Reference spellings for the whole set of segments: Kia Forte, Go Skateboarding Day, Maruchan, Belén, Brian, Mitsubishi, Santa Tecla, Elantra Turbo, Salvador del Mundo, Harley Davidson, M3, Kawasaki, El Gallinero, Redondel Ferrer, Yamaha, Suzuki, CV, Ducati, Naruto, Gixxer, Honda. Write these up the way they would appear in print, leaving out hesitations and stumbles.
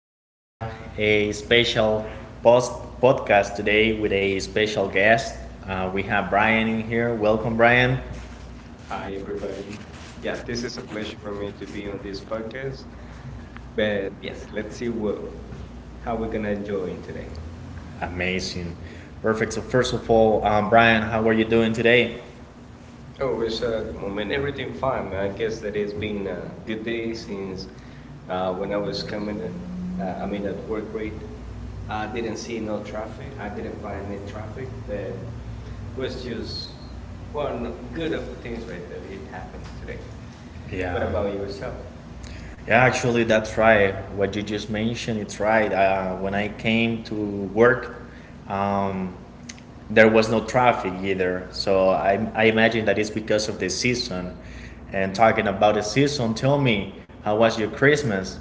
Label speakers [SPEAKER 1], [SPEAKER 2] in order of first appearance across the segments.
[SPEAKER 1] We have a special post podcast today with a special guest. We have Brian in here. Welcome, Brian. Amazing. Perfect. So, first of all, Brian, how are you doing today? Yeah, actually, that's right. What you just mentioned, it's right. When I came to work, um, there was no traffic either. So I imagine that it's because of the season. And talking about the season, tell me, how was your Christmas?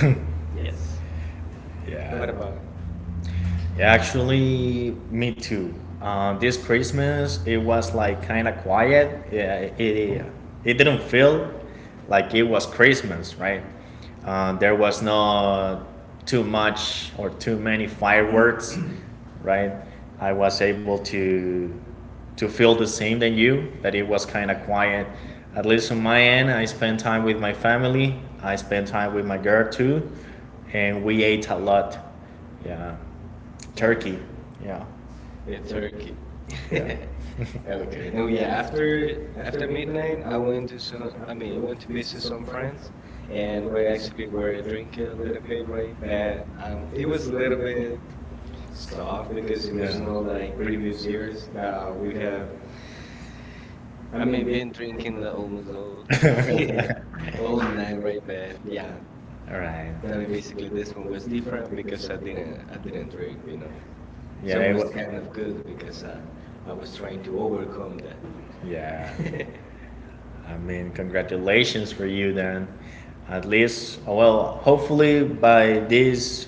[SPEAKER 1] Yeah. Actually, me too. This Christmas, it was like kind of quiet. Yeah, it didn't feel like it was Christmas, right? There was no too much or too many fireworks, right? I was able to feel the same than you that it was kind of quiet. At least on my end, I spent time with my family. I spent time with my girl too, and we ate a lot, yeah. Turkey. Yeah. All right. I mean, congratulations for you then. At least, well, hopefully by this,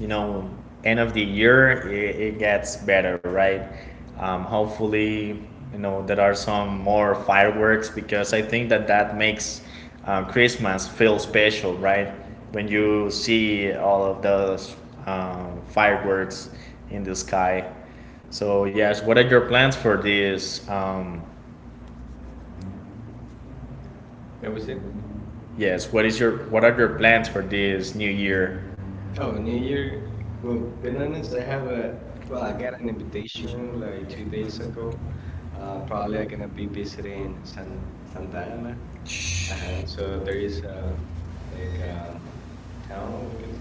[SPEAKER 1] you know, end of the year, it gets better, right? Hopefully, you know, there are some more fireworks because I think that that makes Christmas feel special, right? When you see all of those fireworks in the sky. So, yes, what are your plans for this Yes. What is your What are your plans for this new year?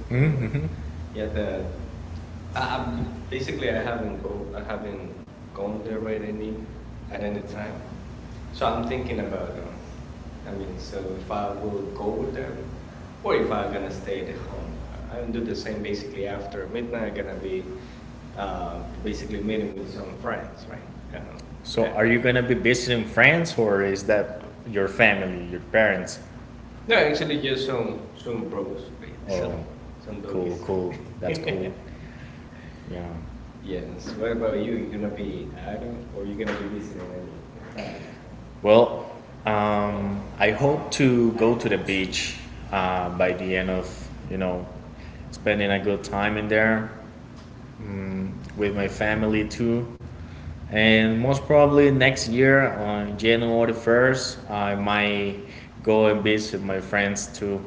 [SPEAKER 1] Mm-hmm. Are you gonna be visiting friends, or is that your family, your parents? Oh, yeah. Well, I hope to go to the beach by the end of, you know, spending a good time in there, mm, with my family too, and most probably next year on January 1st, I might go and visit my friends too.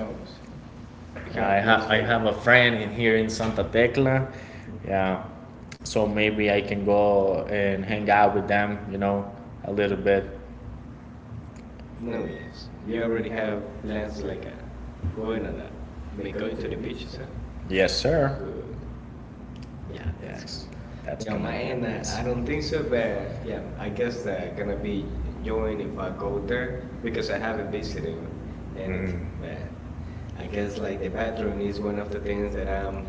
[SPEAKER 2] Oh, you have
[SPEAKER 1] Have
[SPEAKER 2] plans
[SPEAKER 1] I
[SPEAKER 2] like.
[SPEAKER 1] have a friend in here in Santa Tecla,
[SPEAKER 2] Mhm.
[SPEAKER 1] yeah, so maybe I can go and hang out with them, you know, a little bit.
[SPEAKER 2] No, yes, you already have plans like going on a, I mean, going to the beach, you said?
[SPEAKER 1] Yes, sir.
[SPEAKER 2] Good. Yeah, that's cool. Yeah, on my end, I don't think so, but yeah, I guess gonna be enjoying if I go there because I haven't visited in it. But I guess like the bathroom is one of the things that I'm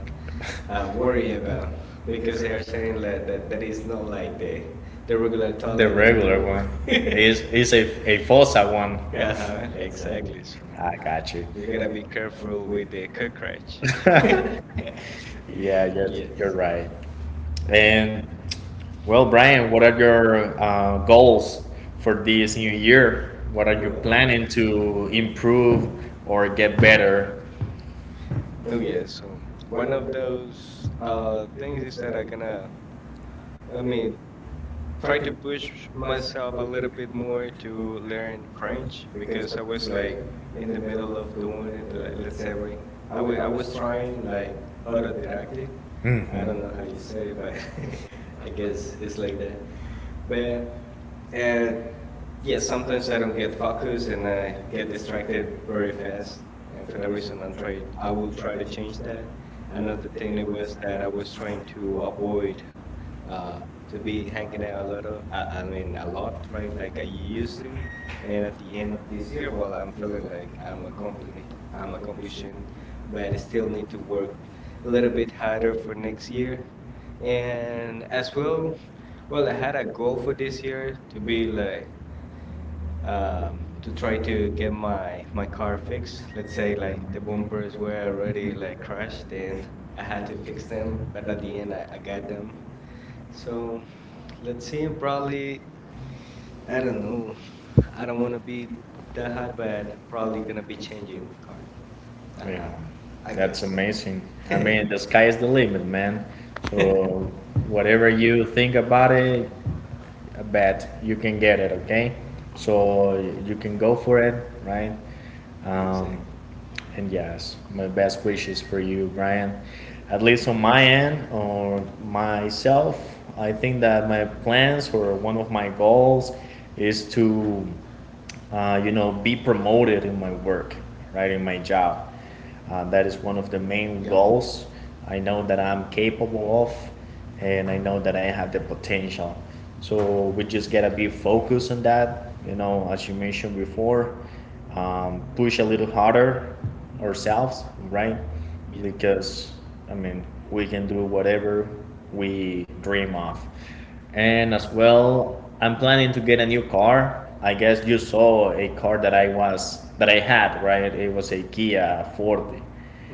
[SPEAKER 2] worried about because they are saying like, that that is not like the regular toilet that you know.
[SPEAKER 1] It's a Fossa one.
[SPEAKER 2] Uh-huh, exactly. So
[SPEAKER 1] I got you.
[SPEAKER 2] you gotta be careful with the cockroach.
[SPEAKER 1] Yeah, you're,
[SPEAKER 2] Yes.
[SPEAKER 1] you're right.
[SPEAKER 2] Yeah.
[SPEAKER 1] And well, Brian, what are your goals for this new year? What are you
[SPEAKER 2] Well,
[SPEAKER 1] planning to improve or get better?
[SPEAKER 2] no, yeah. So one of those things is that I mean, try to push myself a little bit more to learn French because I was like in the middle of doing it. Like, let's say right, I was trying like autodidactic. I don't know how you say it, but I guess it's like that. But uh, yeah, sometimes I don't get focused and I get distracted very fast. And for that reason, I will try to change that. Another thing it was that I was trying to avoid uh, to be hanging out a lot of, I mean, a lot, right? Like I used to. And at the end of this year, well, I'm feeling like I'm accomplishing, but I still need to work a little bit harder for next year. And as well, well, I had a goal for this year to be like uh, to try to get my car fixed. Let's say like the bumpers were already like crashed, and I had to fix them. But at the end, I got them. So let's see. Probably I don't know. I don't want to be that high, but probably gonna be changing car. Uh huh.
[SPEAKER 1] Yeah,
[SPEAKER 2] I
[SPEAKER 1] that's
[SPEAKER 2] guess.
[SPEAKER 1] amazing. I mean, the sky is the limit, man.
[SPEAKER 2] Exactly.
[SPEAKER 1] So whatever you think about it, I bet you can get it. Okay, so you can go for it, right? Um, and yes, my best wishes for you, Brian. At least on my end or myself, I think that my plans or one of my goals is to, you know, be promoted in my work, right, in my job. That is one of the main
[SPEAKER 2] Yeah.
[SPEAKER 1] goals I know that I'm capable of, and I know that I have the potential. So we just gotta be focused on that, you know, as you mentioned before, push a little harder
[SPEAKER 2] Mhm.
[SPEAKER 1] ourselves, right?
[SPEAKER 2] Yeah.
[SPEAKER 1] Because I mean, we can do whatever we dream of. And as well, I'm planning to get a new car. I guess you saw a car that I was that I had, right? It was a Kia Forte.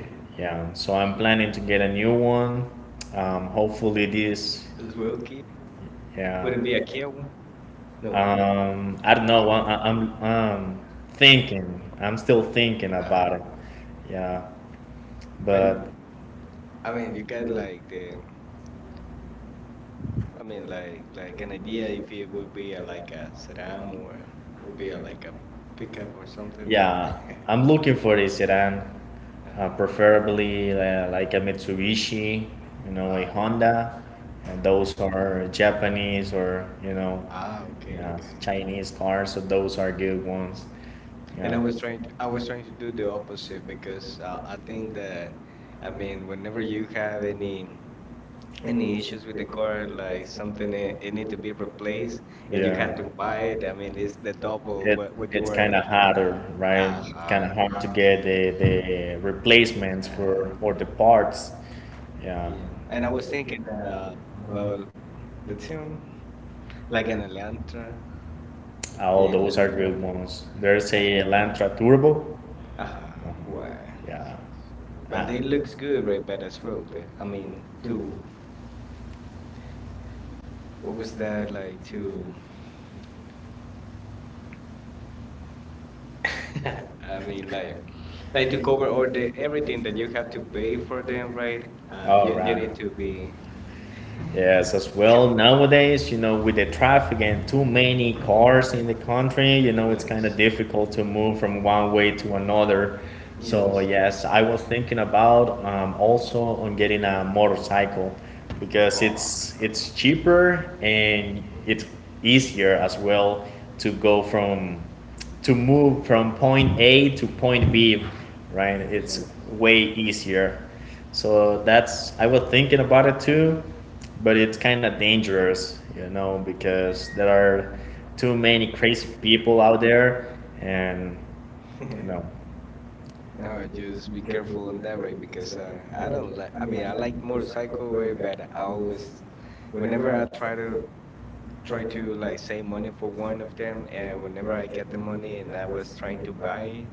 [SPEAKER 2] Mhm.
[SPEAKER 1] Yeah. So I'm planning to get a new one. Hopefully this.
[SPEAKER 2] This will Kia.
[SPEAKER 1] Yeah.
[SPEAKER 2] Would it be a Kia one? No.
[SPEAKER 1] I don't know.
[SPEAKER 2] I,
[SPEAKER 1] I- I'm thinking. I'm still thinking about it. Yeah.
[SPEAKER 2] But
[SPEAKER 1] But
[SPEAKER 2] I mean, you got like the, I mean, like an idea if it would be a, like a sedan or would be a, like a pickup or something? No.
[SPEAKER 1] I'm looking for a sedan,
[SPEAKER 2] Uh,
[SPEAKER 1] preferably like a Mitsubishi, you know, a
[SPEAKER 2] uh,
[SPEAKER 1] Honda. And
[SPEAKER 2] yeah.
[SPEAKER 1] those are Japanese or, you know,
[SPEAKER 2] Ah, okay, okay.
[SPEAKER 1] Chinese cars, so those are good ones.
[SPEAKER 2] And I was trying to do the opposite because I think that, I mean, whenever you have any issues with the car, like something it need to be replaced and you have to buy it. I mean, it's the double what you were.
[SPEAKER 1] Harder, right?
[SPEAKER 2] Uh
[SPEAKER 1] Kind of
[SPEAKER 2] huh.
[SPEAKER 1] hard to get the replacements
[SPEAKER 2] Uh,
[SPEAKER 1] for or the parts. Yeah,
[SPEAKER 2] yeah. And I was thinking uh, about let's see, like an Elantra, the
[SPEAKER 1] all those are
[SPEAKER 2] Elantra.
[SPEAKER 1] good ones. There's
[SPEAKER 2] Uh
[SPEAKER 1] a
[SPEAKER 2] huh.
[SPEAKER 1] Elantra Turbo.
[SPEAKER 2] Uh huh. Why?
[SPEAKER 1] Yeah,
[SPEAKER 2] But they looks good, right? But as well, the, I mean, to what was that like to? I mean, like to cover all the everything that you have to pay for them, right? You you need to be
[SPEAKER 1] yes, as
[SPEAKER 2] K-
[SPEAKER 1] well. Nowadays, you know, with the traffic and too many
[SPEAKER 2] mhm.
[SPEAKER 1] cars in the country, you know, it's kind of
[SPEAKER 2] Yes.
[SPEAKER 1] difficult to move from one way to another. So
[SPEAKER 2] Yes.
[SPEAKER 1] yes, I was thinking about, also on getting a motorcycle because
[SPEAKER 2] Oh
[SPEAKER 1] it's
[SPEAKER 2] no.
[SPEAKER 1] it's cheaper and it's easier as well to go from to move from point A to point B, right?
[SPEAKER 2] Yeah.
[SPEAKER 1] It's way easier. So that's I was thinking about it too, but it's kind of dangerous, you know, because there are too many crazy people out there, and no,
[SPEAKER 2] No, just be careful on that way because I don't like. I mean, I like motorcycle way, but I always, whenever I try to try to like save money for one of them, and whenever I get the money and I was trying to buy it,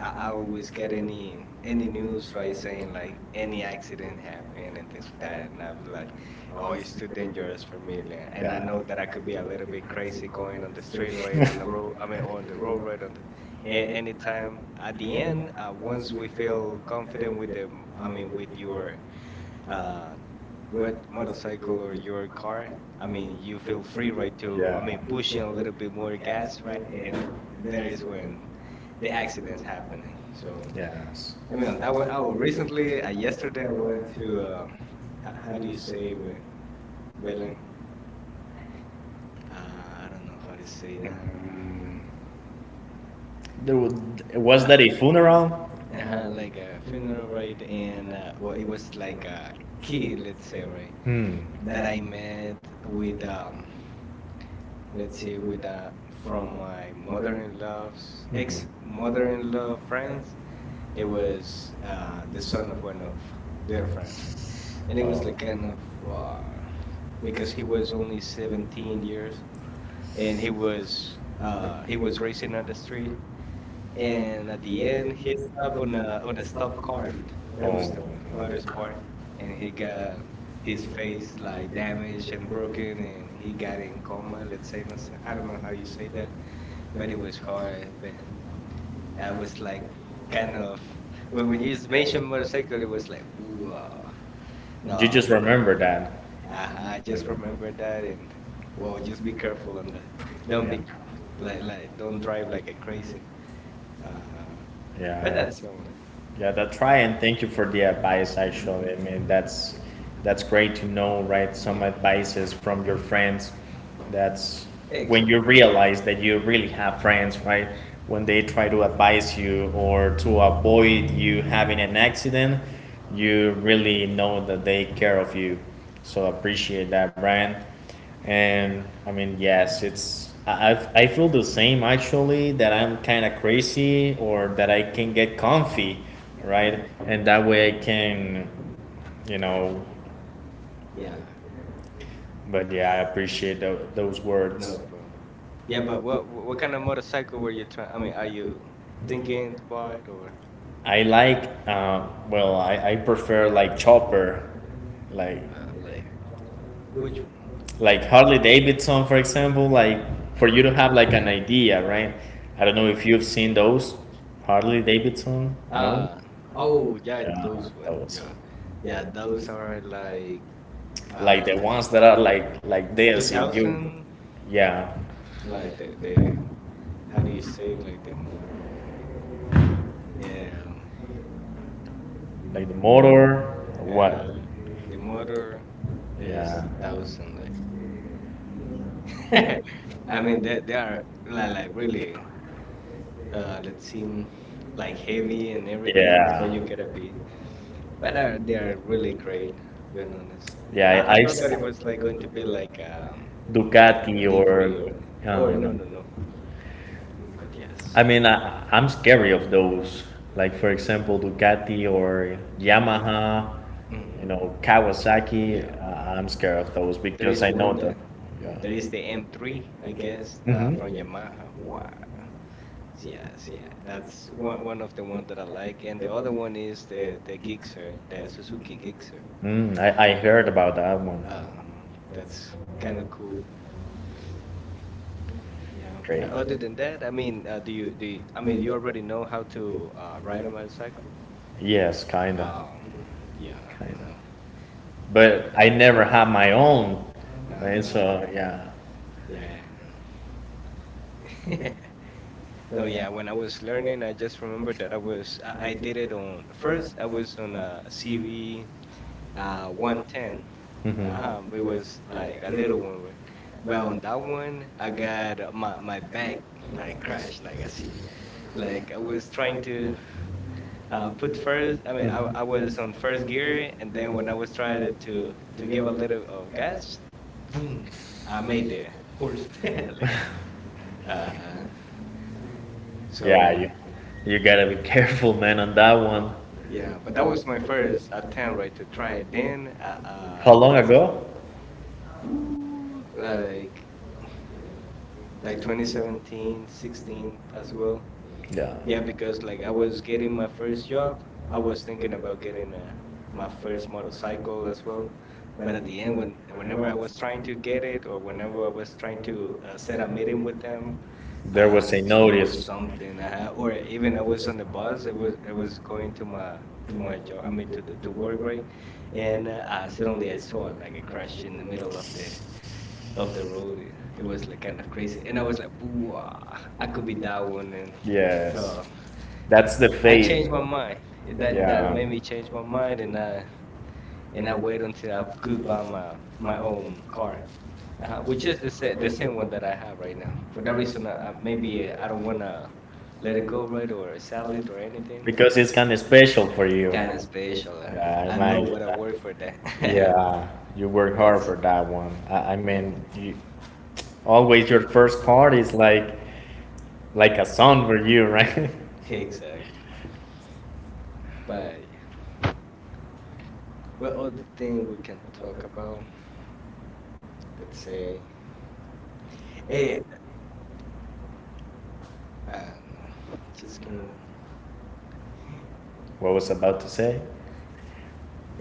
[SPEAKER 2] I always get any news right saying like any accident happened and things like that, and I was like, oh, it's too dangerous for me, like, and I know that I could be a little bit crazy going on the street right on the road. I mean, on the road right on the anytime at the end, once we feel confident with the, I mean, with your uh, with motorcycle or your car, I mean, you feel free, right, to, I mean, pushing a little bit more gas, right, and there is when the accidents happening. So
[SPEAKER 1] yes.
[SPEAKER 2] I mean, that was oh recently. Yesterday I went to how do you say with Belén? I don't know how to say that.
[SPEAKER 1] Mm, There was
[SPEAKER 2] Uh,
[SPEAKER 1] that a funeral?
[SPEAKER 2] like a funeral, right? And well, it was like a kid, let's say, right,
[SPEAKER 1] Hmm.
[SPEAKER 2] that I met with let's say, with from my mother-in-law's ex-mother-in-law friends. It was the son of one of their friends, right? And it was like kind of because he was only 17 years and he was racing on the street and at the end he up on a stop car that was the hardest part and he got his face like damaged and broken and he got in coma let's say no sé, I don't know how you say that but it was hard but I was like kind of when you mentioned motorcycle it was like ooh no won't.
[SPEAKER 1] Remember that?
[SPEAKER 2] I I just remember that and well just be careful on that don't be like don't drive like a crazy. Uh, but that's only.
[SPEAKER 1] Yeah, that try, and thank you for the advice.
[SPEAKER 2] Mm-hmm.
[SPEAKER 1] Actually, I mean that's great to know, right? Some
[SPEAKER 2] Yeah.
[SPEAKER 1] advices from your friends. That's
[SPEAKER 2] Excellent.
[SPEAKER 1] you realize that you really have friends, right? When they try to advise you or to
[SPEAKER 2] Mhm.
[SPEAKER 1] avoid you having an accident, you really know that they care of you. So appreciate that, Brian. And I mean, yes, it's I feel the same actually that I'm kind of crazy or that I can get comfy, right?
[SPEAKER 2] Mhm.
[SPEAKER 1] And that way I can, you
[SPEAKER 2] Yeah.
[SPEAKER 1] know.
[SPEAKER 2] Yeah.
[SPEAKER 1] But yeah, I appreciate those words.
[SPEAKER 2] No, bro. Yeah, but what what kind of motorcycle were you trying? I mean, are you thinking to buy it or
[SPEAKER 1] I like, well, I prefer like chopper, like
[SPEAKER 2] like which one? Ch-
[SPEAKER 1] Harley Davidson, for example. Like for you to have like an idea, right? I don't know if you've seen those
[SPEAKER 2] um,
[SPEAKER 1] Harley Davidson,
[SPEAKER 2] Uh, oh yeah, those one.
[SPEAKER 1] those,
[SPEAKER 2] Yeah, yeah, those are like
[SPEAKER 1] like, the
[SPEAKER 2] um
[SPEAKER 1] ones that are like this,
[SPEAKER 2] 2000,
[SPEAKER 1] yeah,
[SPEAKER 2] like the how do you say it like them? Yeah,
[SPEAKER 1] like the motor, what,
[SPEAKER 2] uh-huh. The motor is 2000 like. I mean they are like really let's see like heavy and everything so you gotta be but they are really great being honest. I thought that it was like going to be like
[SPEAKER 1] Ducati.
[SPEAKER 2] delivery or no but yes.
[SPEAKER 1] I mean, I'm scary of those. Like for example, Ducati or Yamaha, you
[SPEAKER 2] Hmm.
[SPEAKER 1] know,
[SPEAKER 2] Yeah.
[SPEAKER 1] Kawasaki. I'm scared of those.
[SPEAKER 2] There is one that there is the M3, I guess, from Yamaha. Wow. Yes, yeah. That's one of the one that I like, and the other one is the Gixxer, the Suzuki Gixxer.
[SPEAKER 1] I heard about that one.
[SPEAKER 2] Uh, that's kind of cool. Yeah. Other than that, I mean, do you, I mean you already know how to ride a motorcycle?
[SPEAKER 1] Yes, kind
[SPEAKER 2] Uh, yeah,
[SPEAKER 1] of.
[SPEAKER 2] no.
[SPEAKER 1] But I never had my own.
[SPEAKER 2] Uh,
[SPEAKER 1] So, yeah.
[SPEAKER 2] yeah, yeah. No, yeah. When I was learning, I just remember that I did it on first. I was on a CV 110. Uh-huh. It was like a little one, right? But on that one, I got my back like crashed, like I see. Like I was trying to put first. I mean, I was on first gear, and then when I was trying to give a little of gas, boom, I made the horse. Like uh,
[SPEAKER 1] Yeah,
[SPEAKER 2] so
[SPEAKER 1] so you gotta be careful, man, on that one.
[SPEAKER 2] yeah. But that was my first attempt, right, to try it. Then
[SPEAKER 1] How long
[SPEAKER 2] let's
[SPEAKER 1] ago?
[SPEAKER 2] whoo, like 2017, 16 as well. Yeah, because like I was getting my first job, I was thinking about getting a, my first motorcycle as well. But at the end, when whenever I was trying to get it, or whenever I was trying to set a meeting with them,
[SPEAKER 1] There,
[SPEAKER 2] uh, there was something, or even I was on the bus. It was going to my job. I mean to the to work, right? And suddenly I saw like a crash in the middle of the road. It was like kind of crazy, and I was like, "Wow, I could be that one." And so
[SPEAKER 1] that's the
[SPEAKER 2] I
[SPEAKER 1] thing.
[SPEAKER 2] changed my mind. That made me change my mind, and I wait until I could buy my own car, which is the same one that I have right now. For that reason, maybe I don't wanna let it go right or sell it or anything.
[SPEAKER 1] Because it's kind of special for you.
[SPEAKER 2] Kind of special. I know what I work for that.
[SPEAKER 1] Yeah, you work hard
[SPEAKER 2] That's
[SPEAKER 1] for that one. I
[SPEAKER 2] um,
[SPEAKER 1] mean, you, always your first card is like, a song for you, right?
[SPEAKER 2] exact. But yeah, what other thing we can talk about? Let's say, hey, uh, no, just can
[SPEAKER 1] What was I about to say?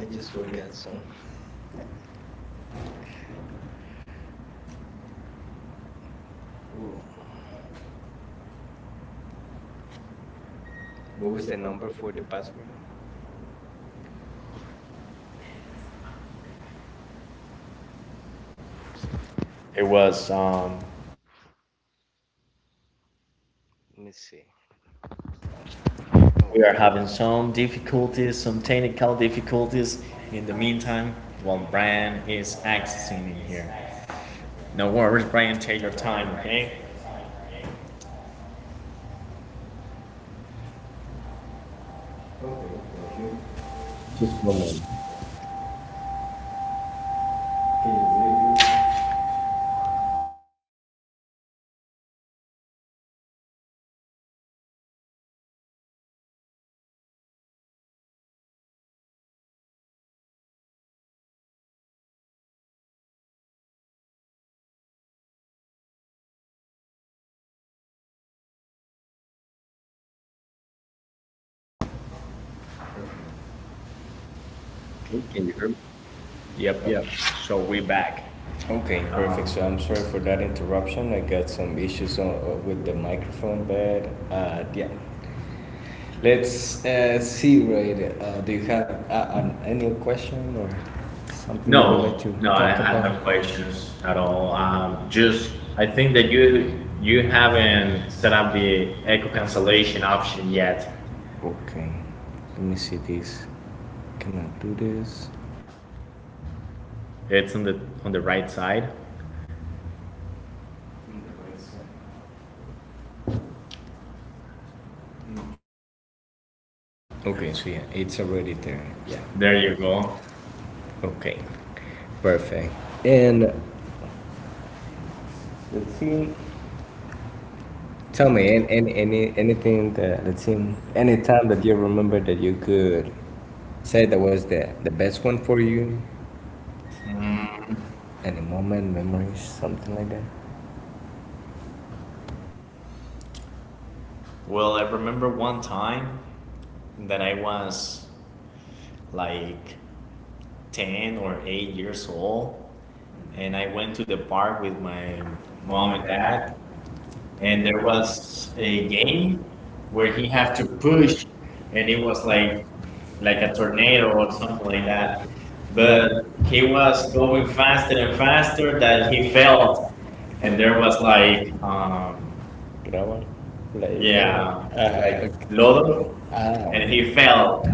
[SPEAKER 2] I just forgot. Ooh. What was the number for the password?
[SPEAKER 1] It was,
[SPEAKER 2] Let me see.
[SPEAKER 1] we are
[SPEAKER 2] Okay.
[SPEAKER 1] having some difficulties, some technical difficulties. In the meantime, while Brian is accessing in here. No worries, Brian, take your time, okay? Yep, yep. So we're back. Um, no, no, I have no questions at all. Just, I think that you haven't set up the echo cancellation option yet. It's on the right side. There you go. Mm, Well, I remember one time that I was like 10 or 8 years old, and I went to the park with my mom and dad, and there was a game where he had to push, and it was like a tornado or something like that. But he was going faster and faster that he felt, and there was like, yeah, like Lodo, and he fell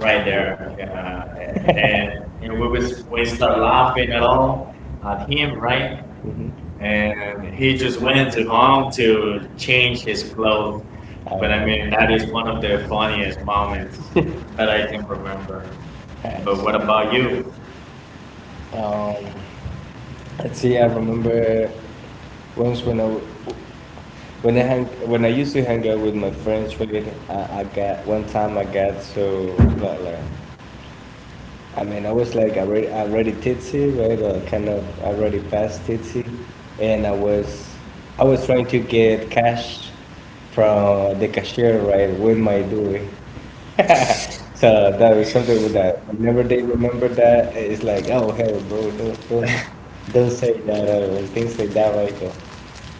[SPEAKER 1] right there. Yeah, and, and we started laughing at all at him, right? And he just went to home to change his clothes. But I mean, that is one of the funniest moments that I can remember. What about you?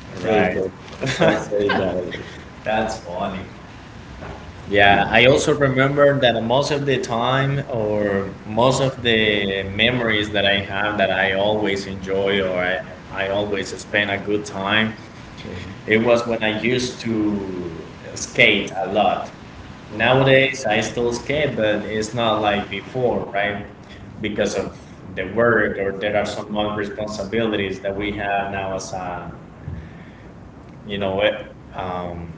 [SPEAKER 1] That's funny. Yeah, I also remember that most of the time or most of the memories that I have that I always enjoy or I always spend a good time, it was when I used to skate a lot. Nowadays, I still skate, but it's not like before, right? Because of the work or there are some more responsibilities that we have now as a, you know, um,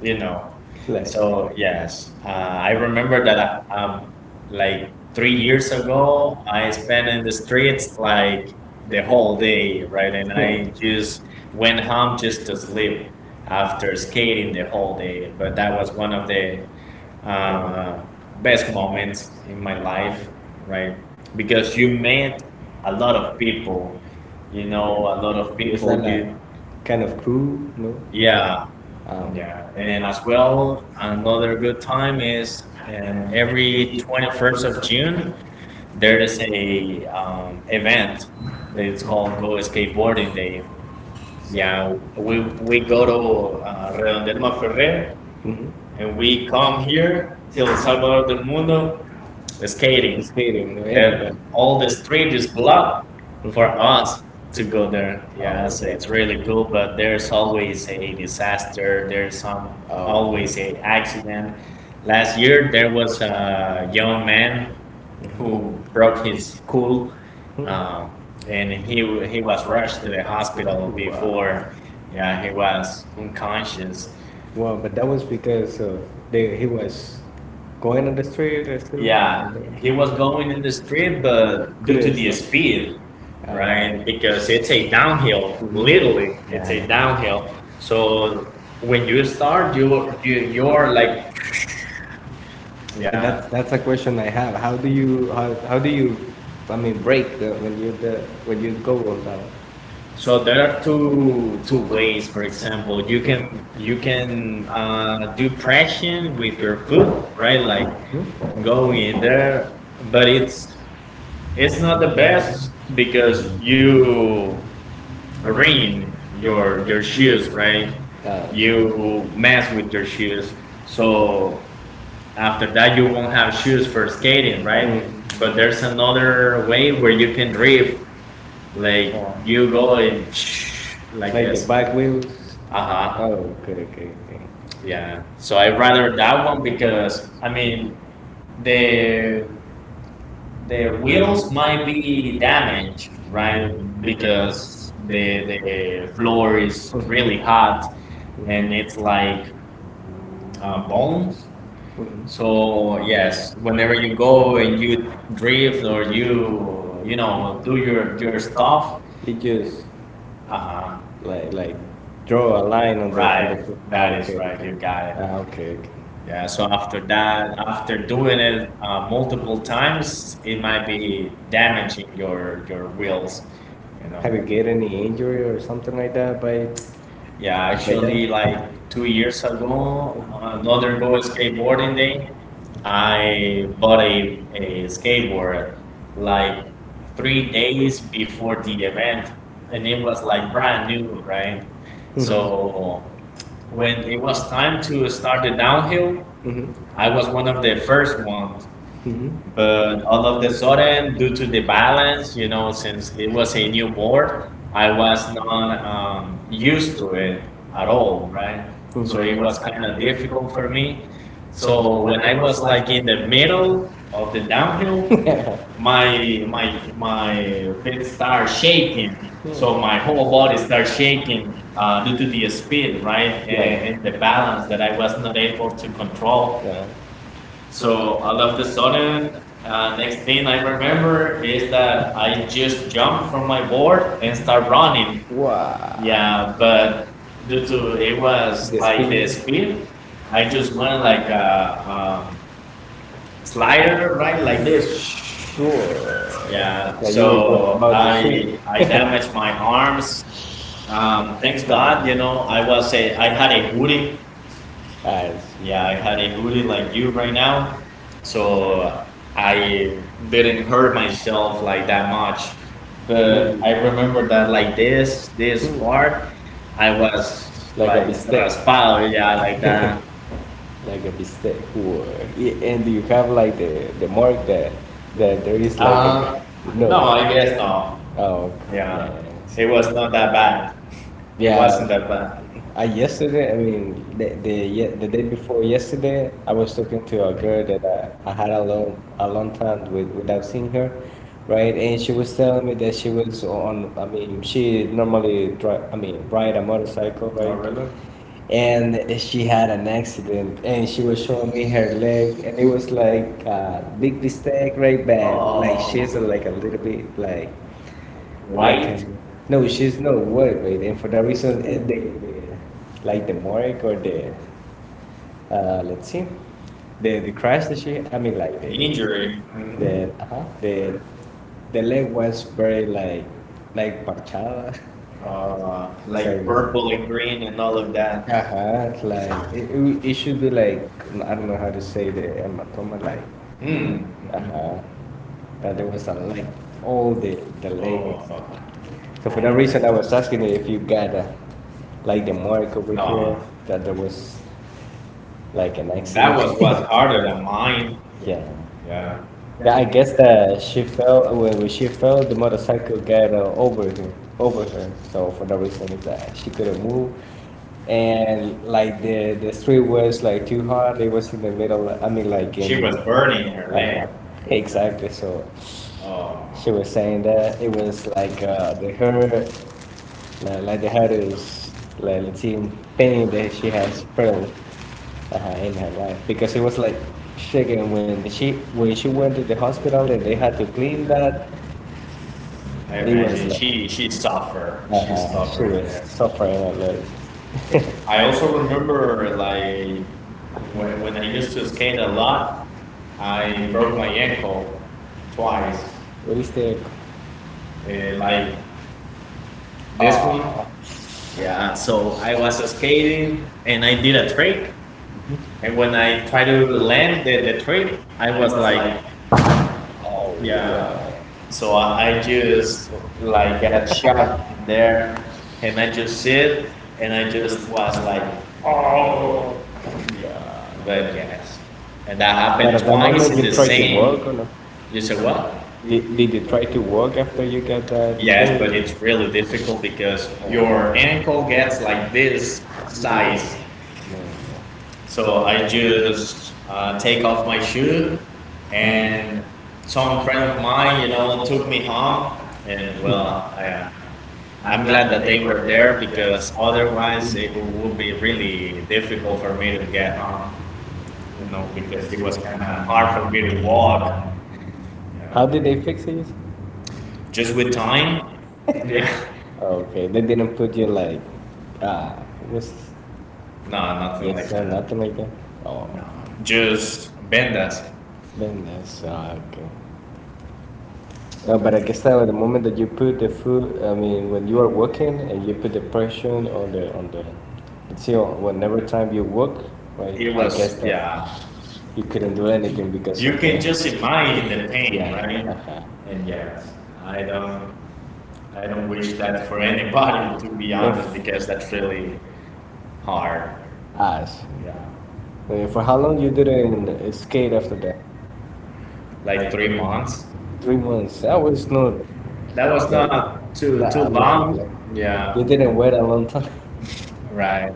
[SPEAKER 1] you know. So yes, I remember that like 3 years ago, I spent in the streets like the whole day, right? And I just went home just to sleep after skating the whole day. But that was one of the uh, best moments in my life, right? Because you met a lot of people, you know, a lot of people. Yeah, yeah, and as well, another good time is, every 21st of June, there is a event that it's called Go Skateboarding Day. Yeah, we go to Redondel Ferrer and we come here till Salvador del Mundo skating. And all the street is blocked for us to go there. Yeah, so it's really cool, but there's always a disaster. There's some always a accident. Last year there was a young man who broke his skull, um, and he was rushed to the hospital before. Yeah, he was unconscious. Yeah, he was going in the street, but due to the speed, right? Because it's a downhill, literally, it's a downhill. So when you start, you you are like, yeah. So there are two ways. For example, you can, do pressing with your foot, right? Like going in there, but it's not the best because you ruin your shoes, right? You mess with your shoes, so after that you won't have shoes for skating, right? But there's another way where you can drift, like you go and like uh huh, yeah. So I rather that one because I mean the their wheels might be damaged, right? Because the floor is really hot and it's like bones. So yes, whenever you go and you drift or you know do your stuff, uh huh. Right, that is right. You got it. Yeah. So after that, after doing it, multiple times, it might be damaging your wheels. You know. Yeah, actually, like 2 years ago, on another Go Skateboarding Day, I bought a skateboard like 3 days before the event, and it was like brand new, right? So when it was time to start the downhill, I was one of the first ones. But all of the sudden, due to the balance, you know, since it was a new board, I was not used to it at all, right? So it was kind of difficult for me. So when I was like in the middle of the downhill, my feet start shaking. So my whole body starts shaking due to the speed, right, and the balance that I was not able to control. So all of the sudden, next thing I remember is that I just jumped from my board and start running. Yeah, but due to it was like the speed, I just went like a, um slider, right, like this. Yeah, so I damaged my arms. Thanks God, you know, I was a I had a hoodie. Yeah, I had a hoodie like you right now, so I didn't hurt myself like that much. But I remember that like this part, I was like raspado, yeah, like that. Uh, No, it was not that bad. That bad. One injury, uh, purple and green and all of that. Hmm. Uh, harder than mine. Yeah. Oh, I she suffered. I also remember like when I used to skate a lot, I broke my ankle twice. Eh, like this one, yeah. So I was skating and I did a trick, and when I tried to land the trick, I was like, yeah. So I just like got shocked in there, and I just sit and I just was like, oh. But yes, and that happened. You said what? But it's really difficult because your ankle gets like this size. So I just take off my shoe, and some friend of mine, you know, took me home. And well, I am. I'm glad that they were there because otherwise it would be really difficult for me to get home, you know, because it was kind of hard for me to walk, yeah. Just with time. Yeah. No, nothing like that. No, just vendas. Yeah, you can just imagine the pain, right? And yes, I don't, I don't wish that for anybody, to be honest, because that's really hard. Yeah, like 3 months. That was not too long. Yeah, right.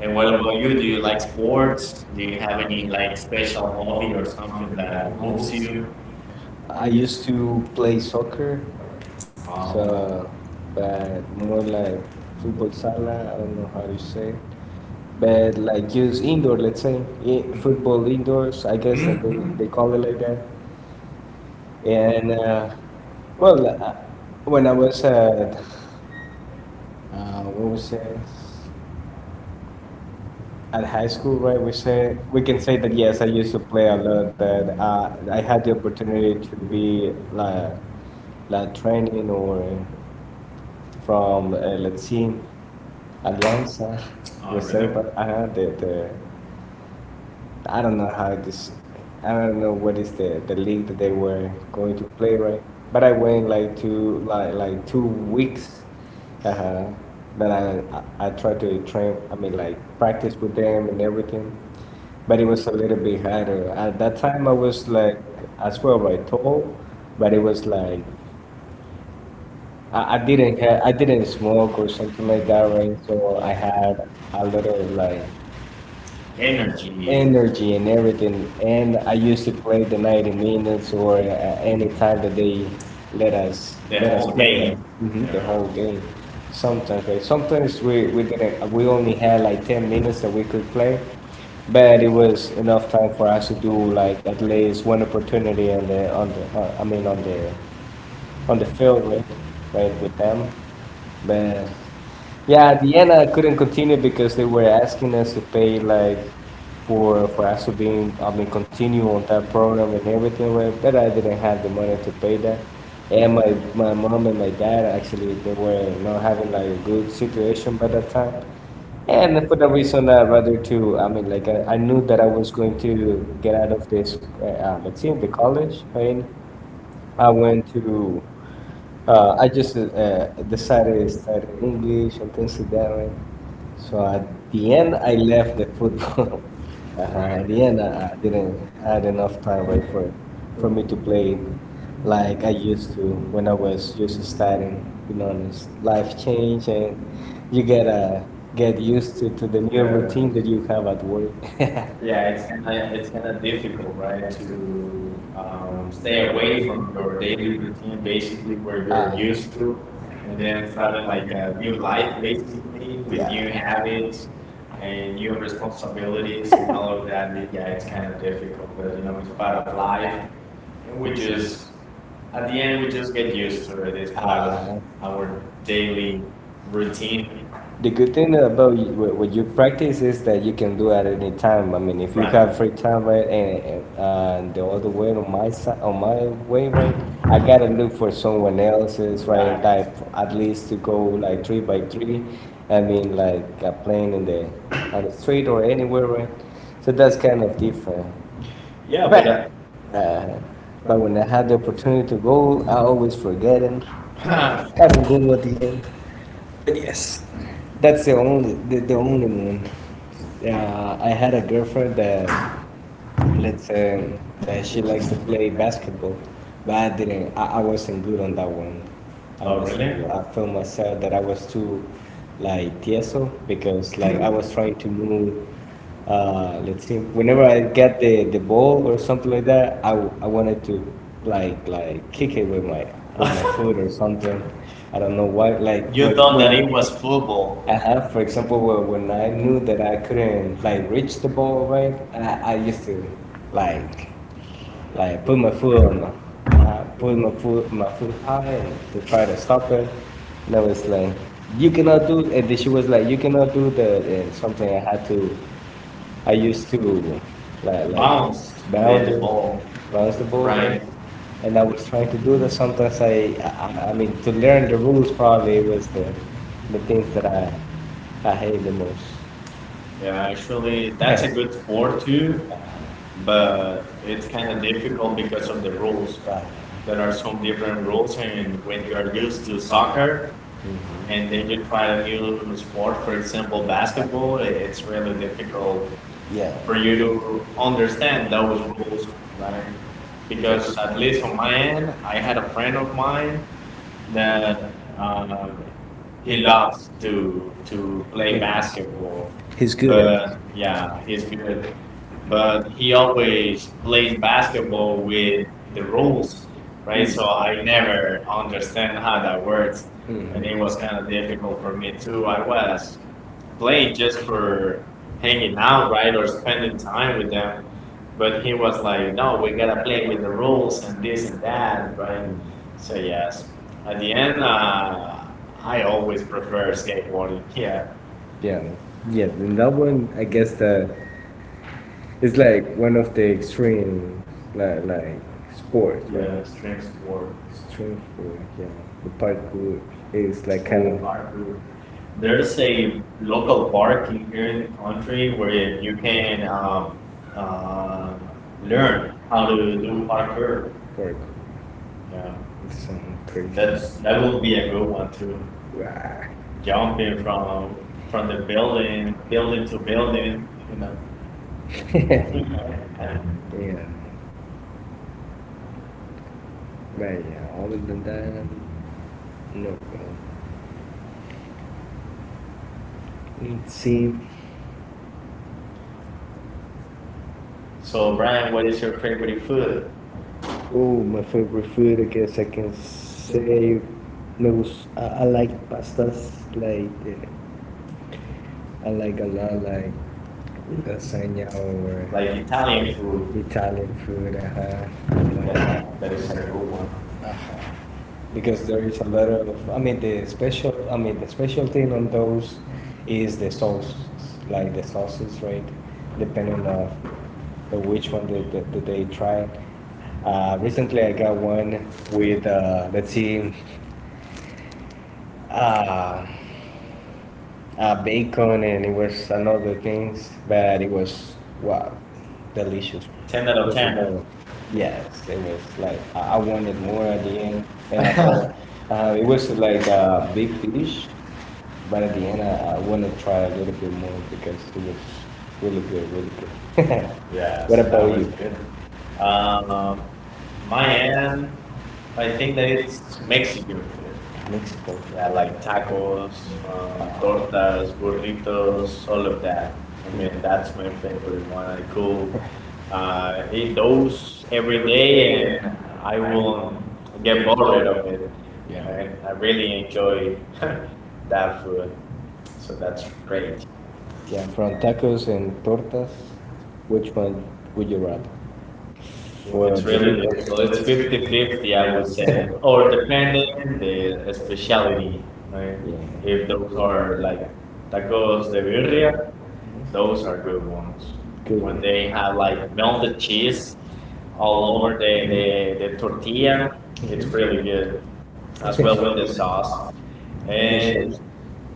[SPEAKER 1] And what about you? Do you like sports? Do you have any like special hobby or something that moves you? Uh, Energy. Yeah, it's kind of difficult, right, to stay away from your daily routine, basically, where you're used to, and then starting like a new life, basically, with new habits and new responsibilities and all of that. It- Yeah, it's kind of difficult, but you know, it's part of life, and we just, at the end, we just get used to it. It's part of our daily routine. Yeah, but was bounceful. Yeah, actually, that's a good sport too, but it's kind of difficult because of the rules. There are some different rules, and when you are used to soccer and then you try a new sport, for example, basketball, it's really difficult for you to understand those rules, right? Because at least on my end, I had a friend of mine that he loves to play basketball. But yeah, he's good. But he always plays basketball with the rules, right? So I never understand how that works and it was kind of difficult for me too. I was playing just for hanging out, right, or spending time with them. But he was like, no, we gotta play with the rules and this and that, right? So yes, at the end, I always prefer skateboarding. Yeah, yeah, an extreme sport. There's a local park in- here in the country where you can uh, learn how to do parkour. Yeah. That's that will be a good one too. Jumping from the building, building to building, you know. So Brian, what is your favorite food? Like Italian food. Yeah, that, that is a good one. Ten out of ten. Yeah, so that was good. Um, my end, I think that it's Mexican food. Yeah, like tacos, tortas, burritos, all of that. I mean, that's my favorite one. I could eat those every day and I won't get bored of it, right? I really enjoy that food. So that's great. It's really difficult. It's 50-50, I would say, or depending the speciality, right? If those are like tacos de birria, those are good ones. They have like melted cheese all over the tortilla. It's really good as well with the sauce. And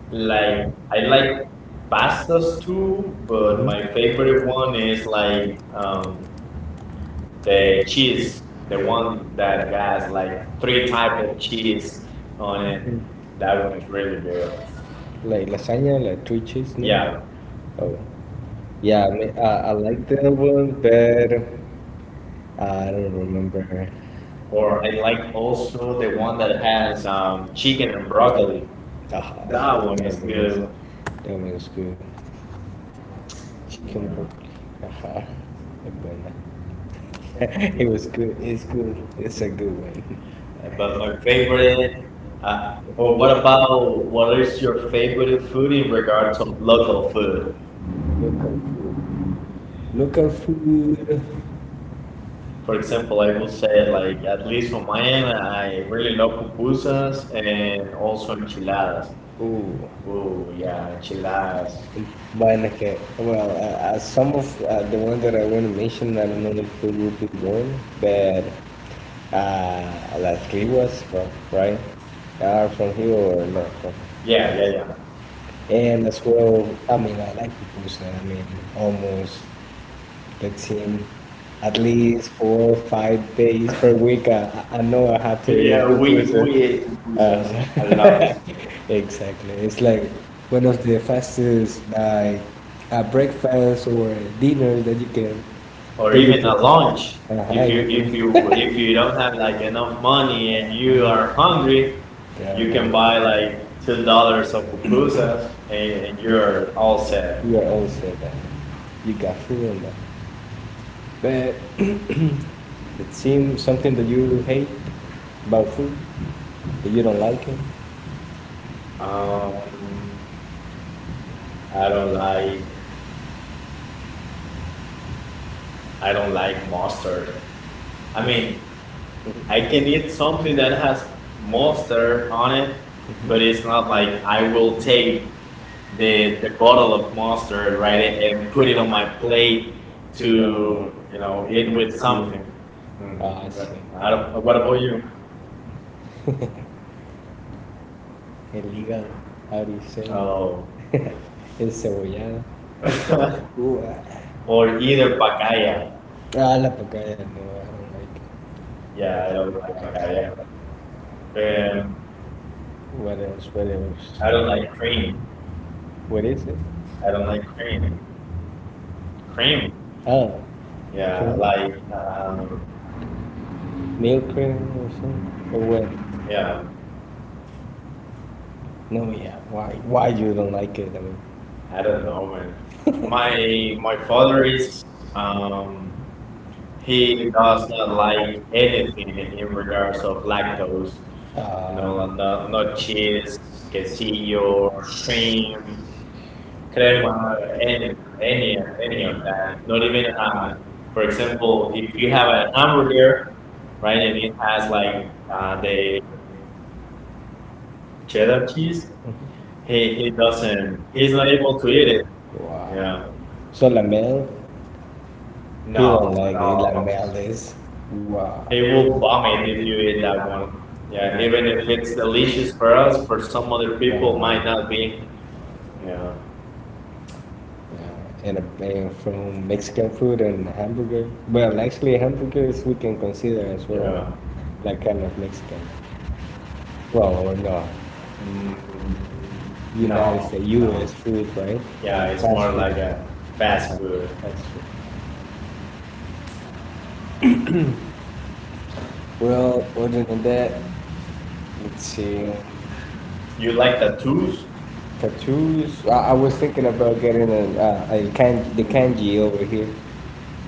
[SPEAKER 1] like I like pastas too, but my favorite one is like the cheese, the one that has like three type of cheese on it. That one is really good. Or I like also the one that has chicken and broccoli. That one is good. Yeah. But my favorite, or what about what is your favorite food in regards of local food? For example, I will say like at least on my end, I really love pupusas and also enchiladas. Oh yeah, enchiladas. Yeah, yeah, yeah. Yeah, we ate pupusas a lot. Or even a lunch. If you don't have like enough money and you are hungry you can buy like $2 of pupusas and you're all set. Um, I don't like, I don't like mustard. I mean, I can eat something that has mustard on it, but it's not like I will take the bottle of mustard, right, and put it on my plate to, you know, eat with something. Mhm. I don't, what about you? Oh, or either pacaya. Yeah, I don't like pacaya. Um, I don't like cream. I don't like cream. Cream. Yeah, like yeah, I don't know, man. My father is um, he does not like anything in regards of lactose. You know, and not cheese, quesillo, cream, crema, any of that. Not even for example, if you have an hamburger, right, and it has like the cheddar cheese, he doesn't. He's not able to eat it. Yeah. No, no. He will vomit if you eat that one. Yeah. Even if it's delicious for us, for some other people might not be. Yeah. Yeah. Mm, no. Yeah. It's more like a fast food. You like tattoos?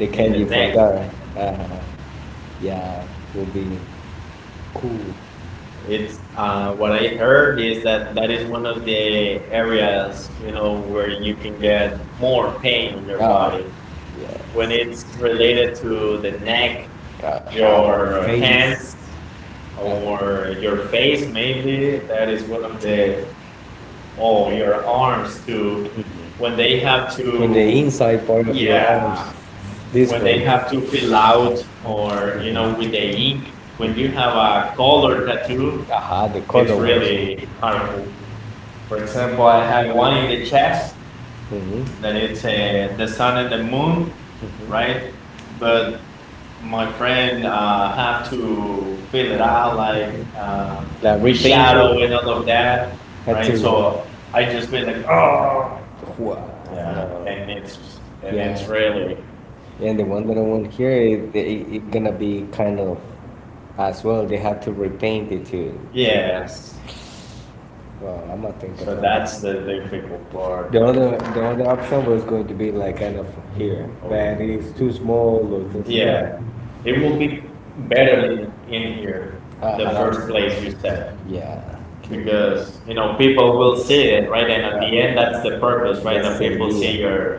[SPEAKER 1] In the neck. It's what I heard is that that is one of the areas you know where you can get more pain in your body when it's related to the neck, your hands, or your face. Maybe that is one of the oh your arms too. When they have to fill out or you know with the ink. When you have a color tattoo, really harmful. For example, I have one in the chest that it's the sun and the moon, right? But my friend have to fill it out like uh, shadow and all of that, right? So I just feel like oh yeah, and it's really yes. So that's the difficult part. Oh. Yeah, it will be better in here, the first place you said because you know people will see it right and at the end that's the purpose right that people see your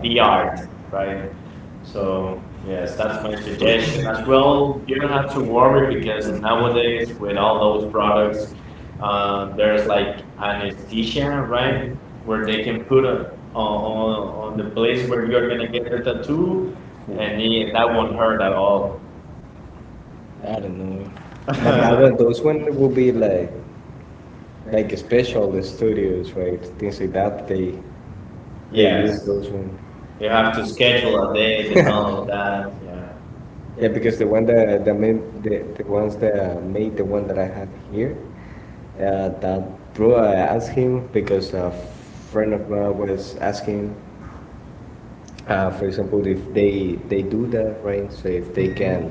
[SPEAKER 1] the art right so yes that's my suggestion as well you don't have to worry because nowadays with all those products there's like anesthesia right where they can put a, on the place where you're gonna get the tattoo and it- that won't hurt at all you have to schedule a date and all of that yeah. Mhm.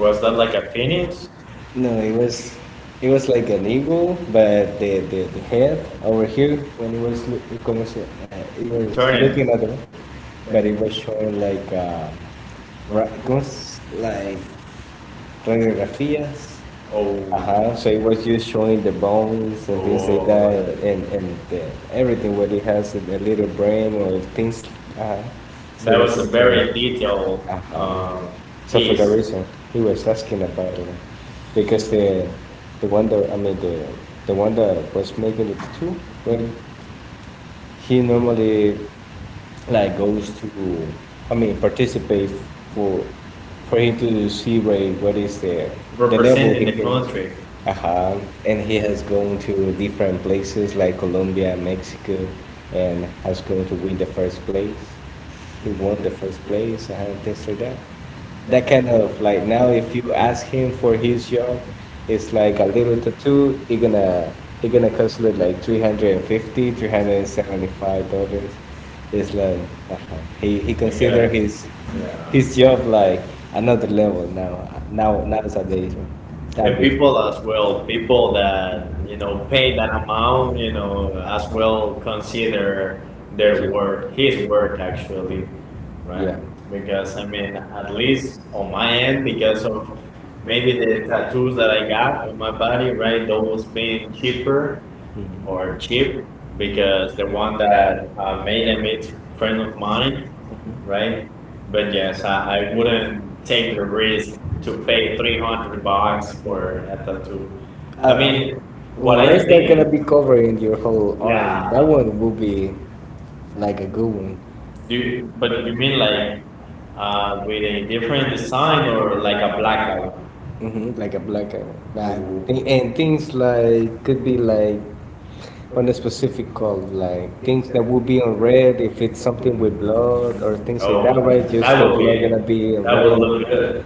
[SPEAKER 1] Was that like a phoenix? Eternity. Oh, yeah. That was a very detailed um, country. Yeah. And people as well, people that you know pay that amount, you know, as well consider their work, his work actually, right? Because I mean, at least on my end, because of maybe the tattoos that I got on my body, right? Those being cheaper, or cheap because the one that made them is friend of mine, right? But yes, I wouldn't take the risk to pay $300 for a tattoo. In- do you, but you mean like with a different design or like a blackout? Look good.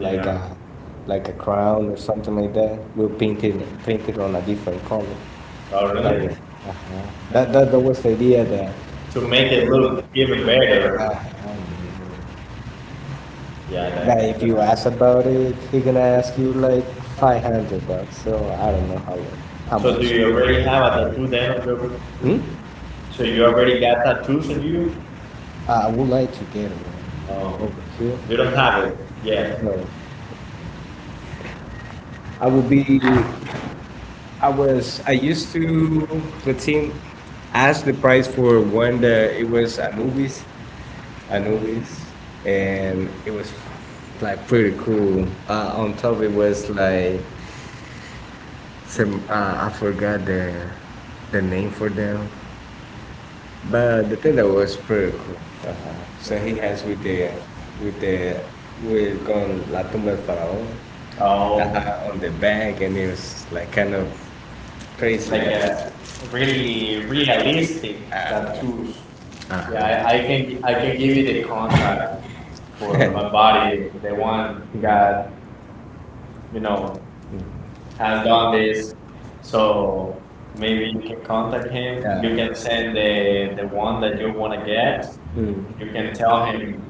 [SPEAKER 1] Yeah. Oh, really? To make it look even better. Yeah, that, do so do you already have a tattoo then on your? So you already got tattoos on you? Oh, you don't have it yet. Oh, really realistic tattoos. Yeah, I can give you the contact for a body. The one got you know has done this. So maybe you can contact him. You can send the one that you want to get. You can tell him,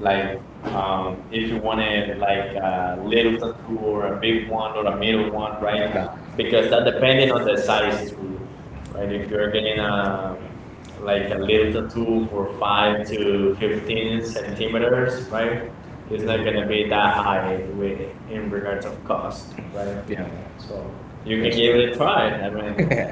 [SPEAKER 1] like, if you wanted like a little tattoo or a big one or a middle one, right? Because that depending on the size too, right? If you're getting a like a little tattoo for 5 to 15 centimeters, right? It's not gonna be that high in regards of cost, right? So you can give it a try. I mean,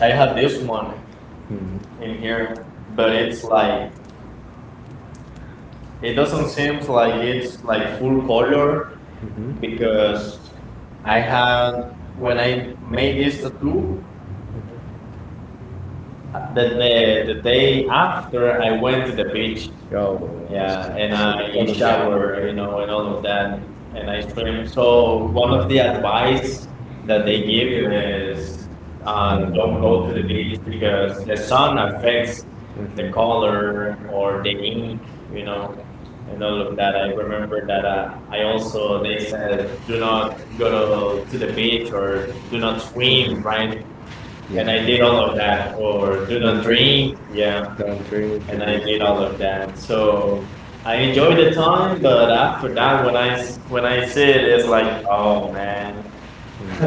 [SPEAKER 1] I have this one in here, but it's like it doesn't seem like it's like full color, because I had when I made this tattoo that the day after I went to the beach. Yeah, and I shower, and all of that, and I swim. So one of the advice that they give is don't go to the beach because the sun affects the color or the ink, you know, and all of that. I remember that I also, they said do not go to the beach or do not swim, right? And I did all of that, or do not drink. Yeah, and I did all of that. So I enjoyed the time, but after that, when I see it, it's like, oh man,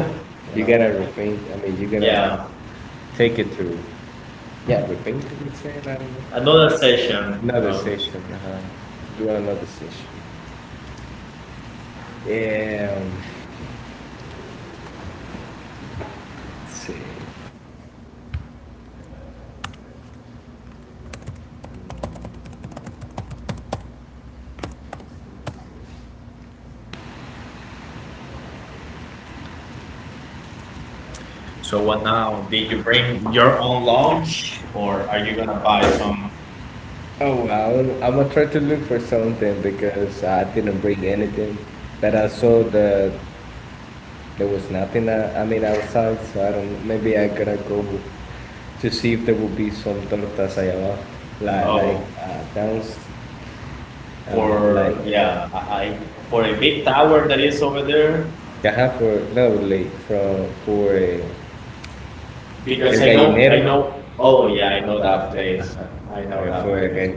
[SPEAKER 1] another session. So what now? Did you bring your own lunch, or are you gonna buy some? For, yeah, for a big tower that is over there. Because I know, oh yeah, I know that place. I know that place.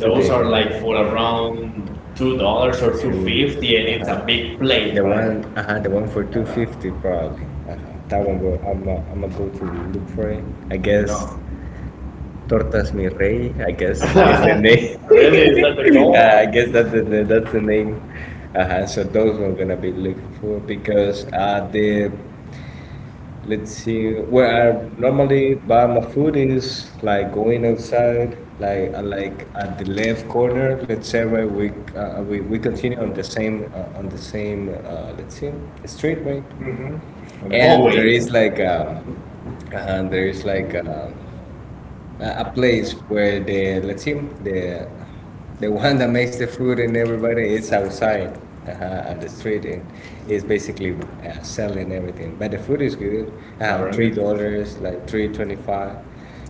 [SPEAKER 1] Those are like for around $2 or 2.50, and it's a big plate, right? Really, is that the goal?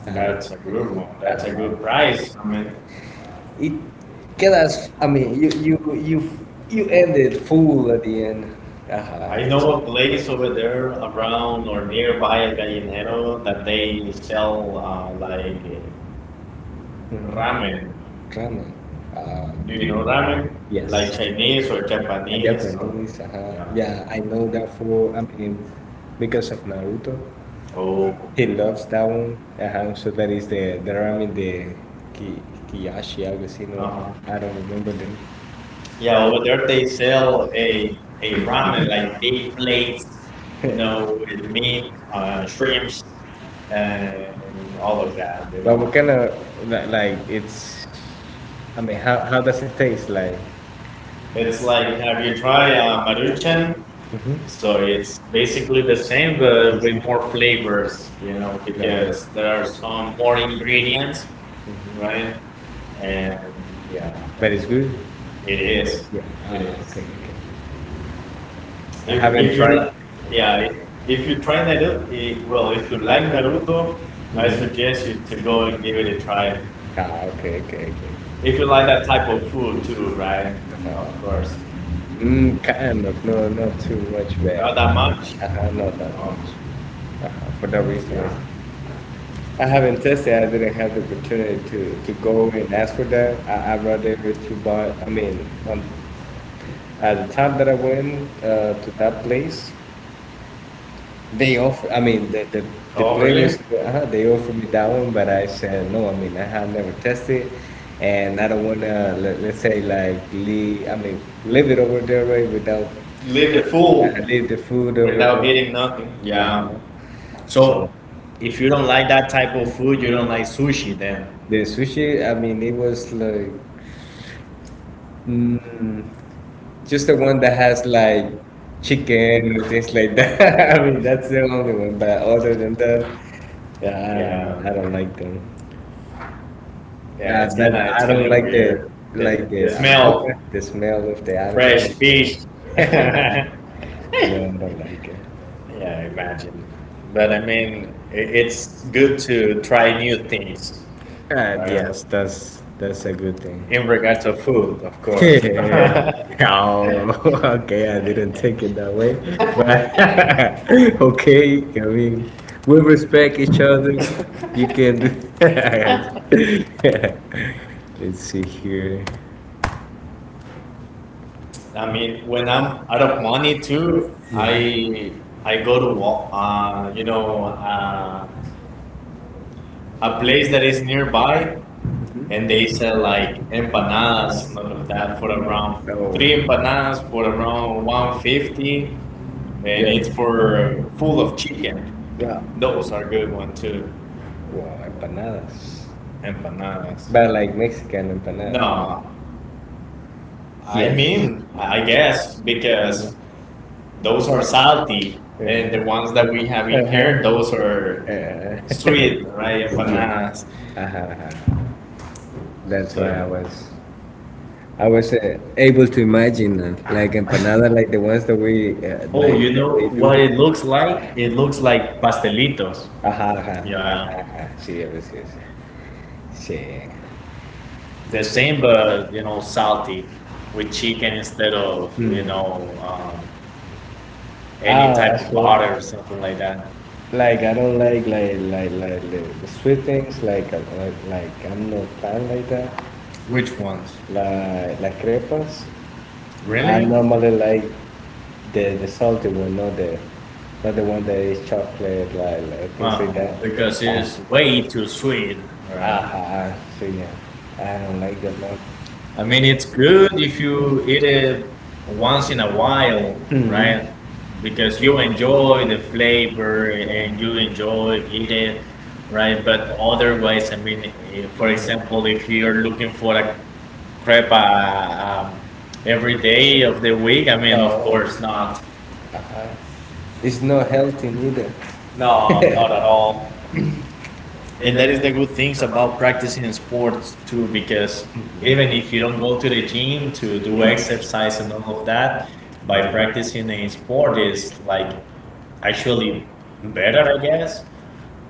[SPEAKER 1] That's a good one. That's a good price. I mean, I know a place over there around or nearby El Gallinero that they sell like ramen. Do you know ramen? Like Chinese or Japanese? Oh, uh, yeah. Over there, they sell a ramen like big plates, with meat, shrimps, and all of that. It's like, have you tried Maruchan? So it's basically the same, but with more flavors, because there are some more ingredients, right? And yeah, it is. It is. If you li- Yeah, if you try Naruto, well, if you like Naruto, I suggest you to go and give it a try. If you like that type of food too, right? Of course. Not that much, yeah. Oh, leave it. Full. Yeah. So, if you don't like that type of food, you don't like sushi, then fish. Yeah, imagine. But I mean, it's good to try new things in regards of food, of I mean, when I'm out of money too, I go to a place that is nearby and they sell like empanadas and all of that for around three empanadas for around 150, and it's for full of chicken. Those are good one too, empanadas. uh, I mean, I guess, because those are salty and the ones that we have in here, those are sweet, right? Empanadas. Oh, you know what, it looks like pastelitos. Yeah, the same, but, salty with chicken instead of any type of butter or something like that. Which ones? Really? Huh. Because it's way too sweet. Right? I mean, it's good if you eat it once in a while, right? Because you enjoy the flavor and you enjoy eat it, right? But otherwise, I mean, for example, if you're looking for a crepa um, every day of the week, I mean, of course not. No, not at all. And that is the good things about practicing sports too, because even if you don't go to the gym to do exercise and all of that, by practicing a sport is like actually better, I guess.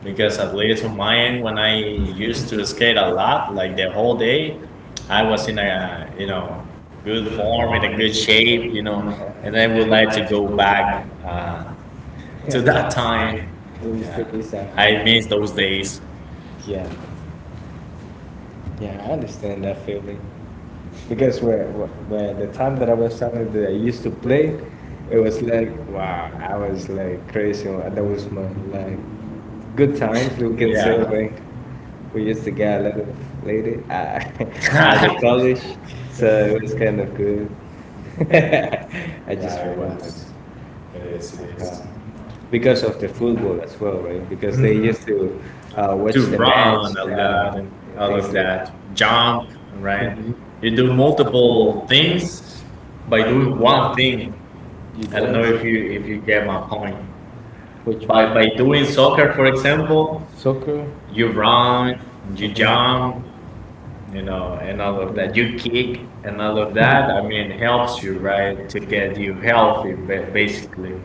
[SPEAKER 1] Because at least on my end, when I used to skate a lot, like the whole day, I was in a good form, in a good shape, and I would like to go back time. I miss those days. Yeah, just it was. It is, it is. And all of that, jump, right? You do multiple things by doing one thing. I don't know if you get my point. By doing soccer, for example, you run, you jump, and all of that. You kick and all of that. I mean, helps you, right, to get you healthy, basically.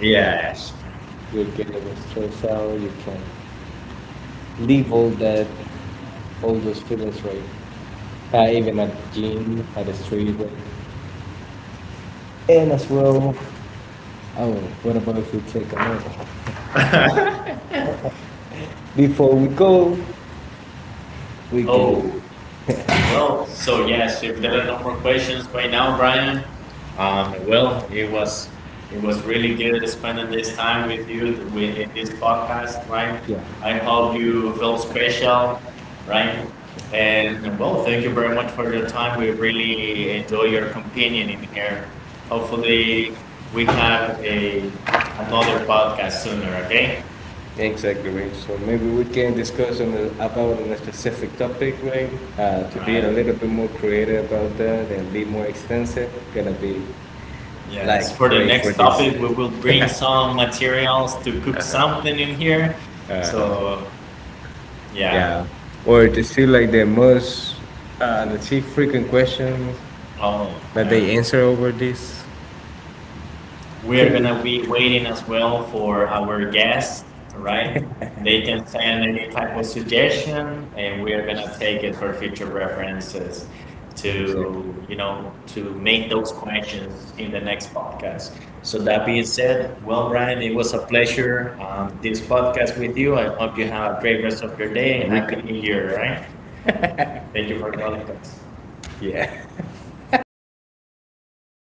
[SPEAKER 1] Yes. Oh, well, so yes, if there are no more questions by now, Brian, well, it was really good spending this time with you with in this podcast, right? I hope you feel special, right? And well, thank you very much for your time. We really enjoy your companion in here. Hopefully, we have a another podcast sooner, okay? For the next topic, we will bring some materials to cook something in here. So, oh, we are gonna be waiting as well for our guests, right? They can send any type of suggestion, and we are gonna take it for future references to make those questions in the next podcast. So that being said, well, Brian, it was a pleasure this podcast with you. I hope you have a great rest of your day and happy new year, all right? Thank you for calling us.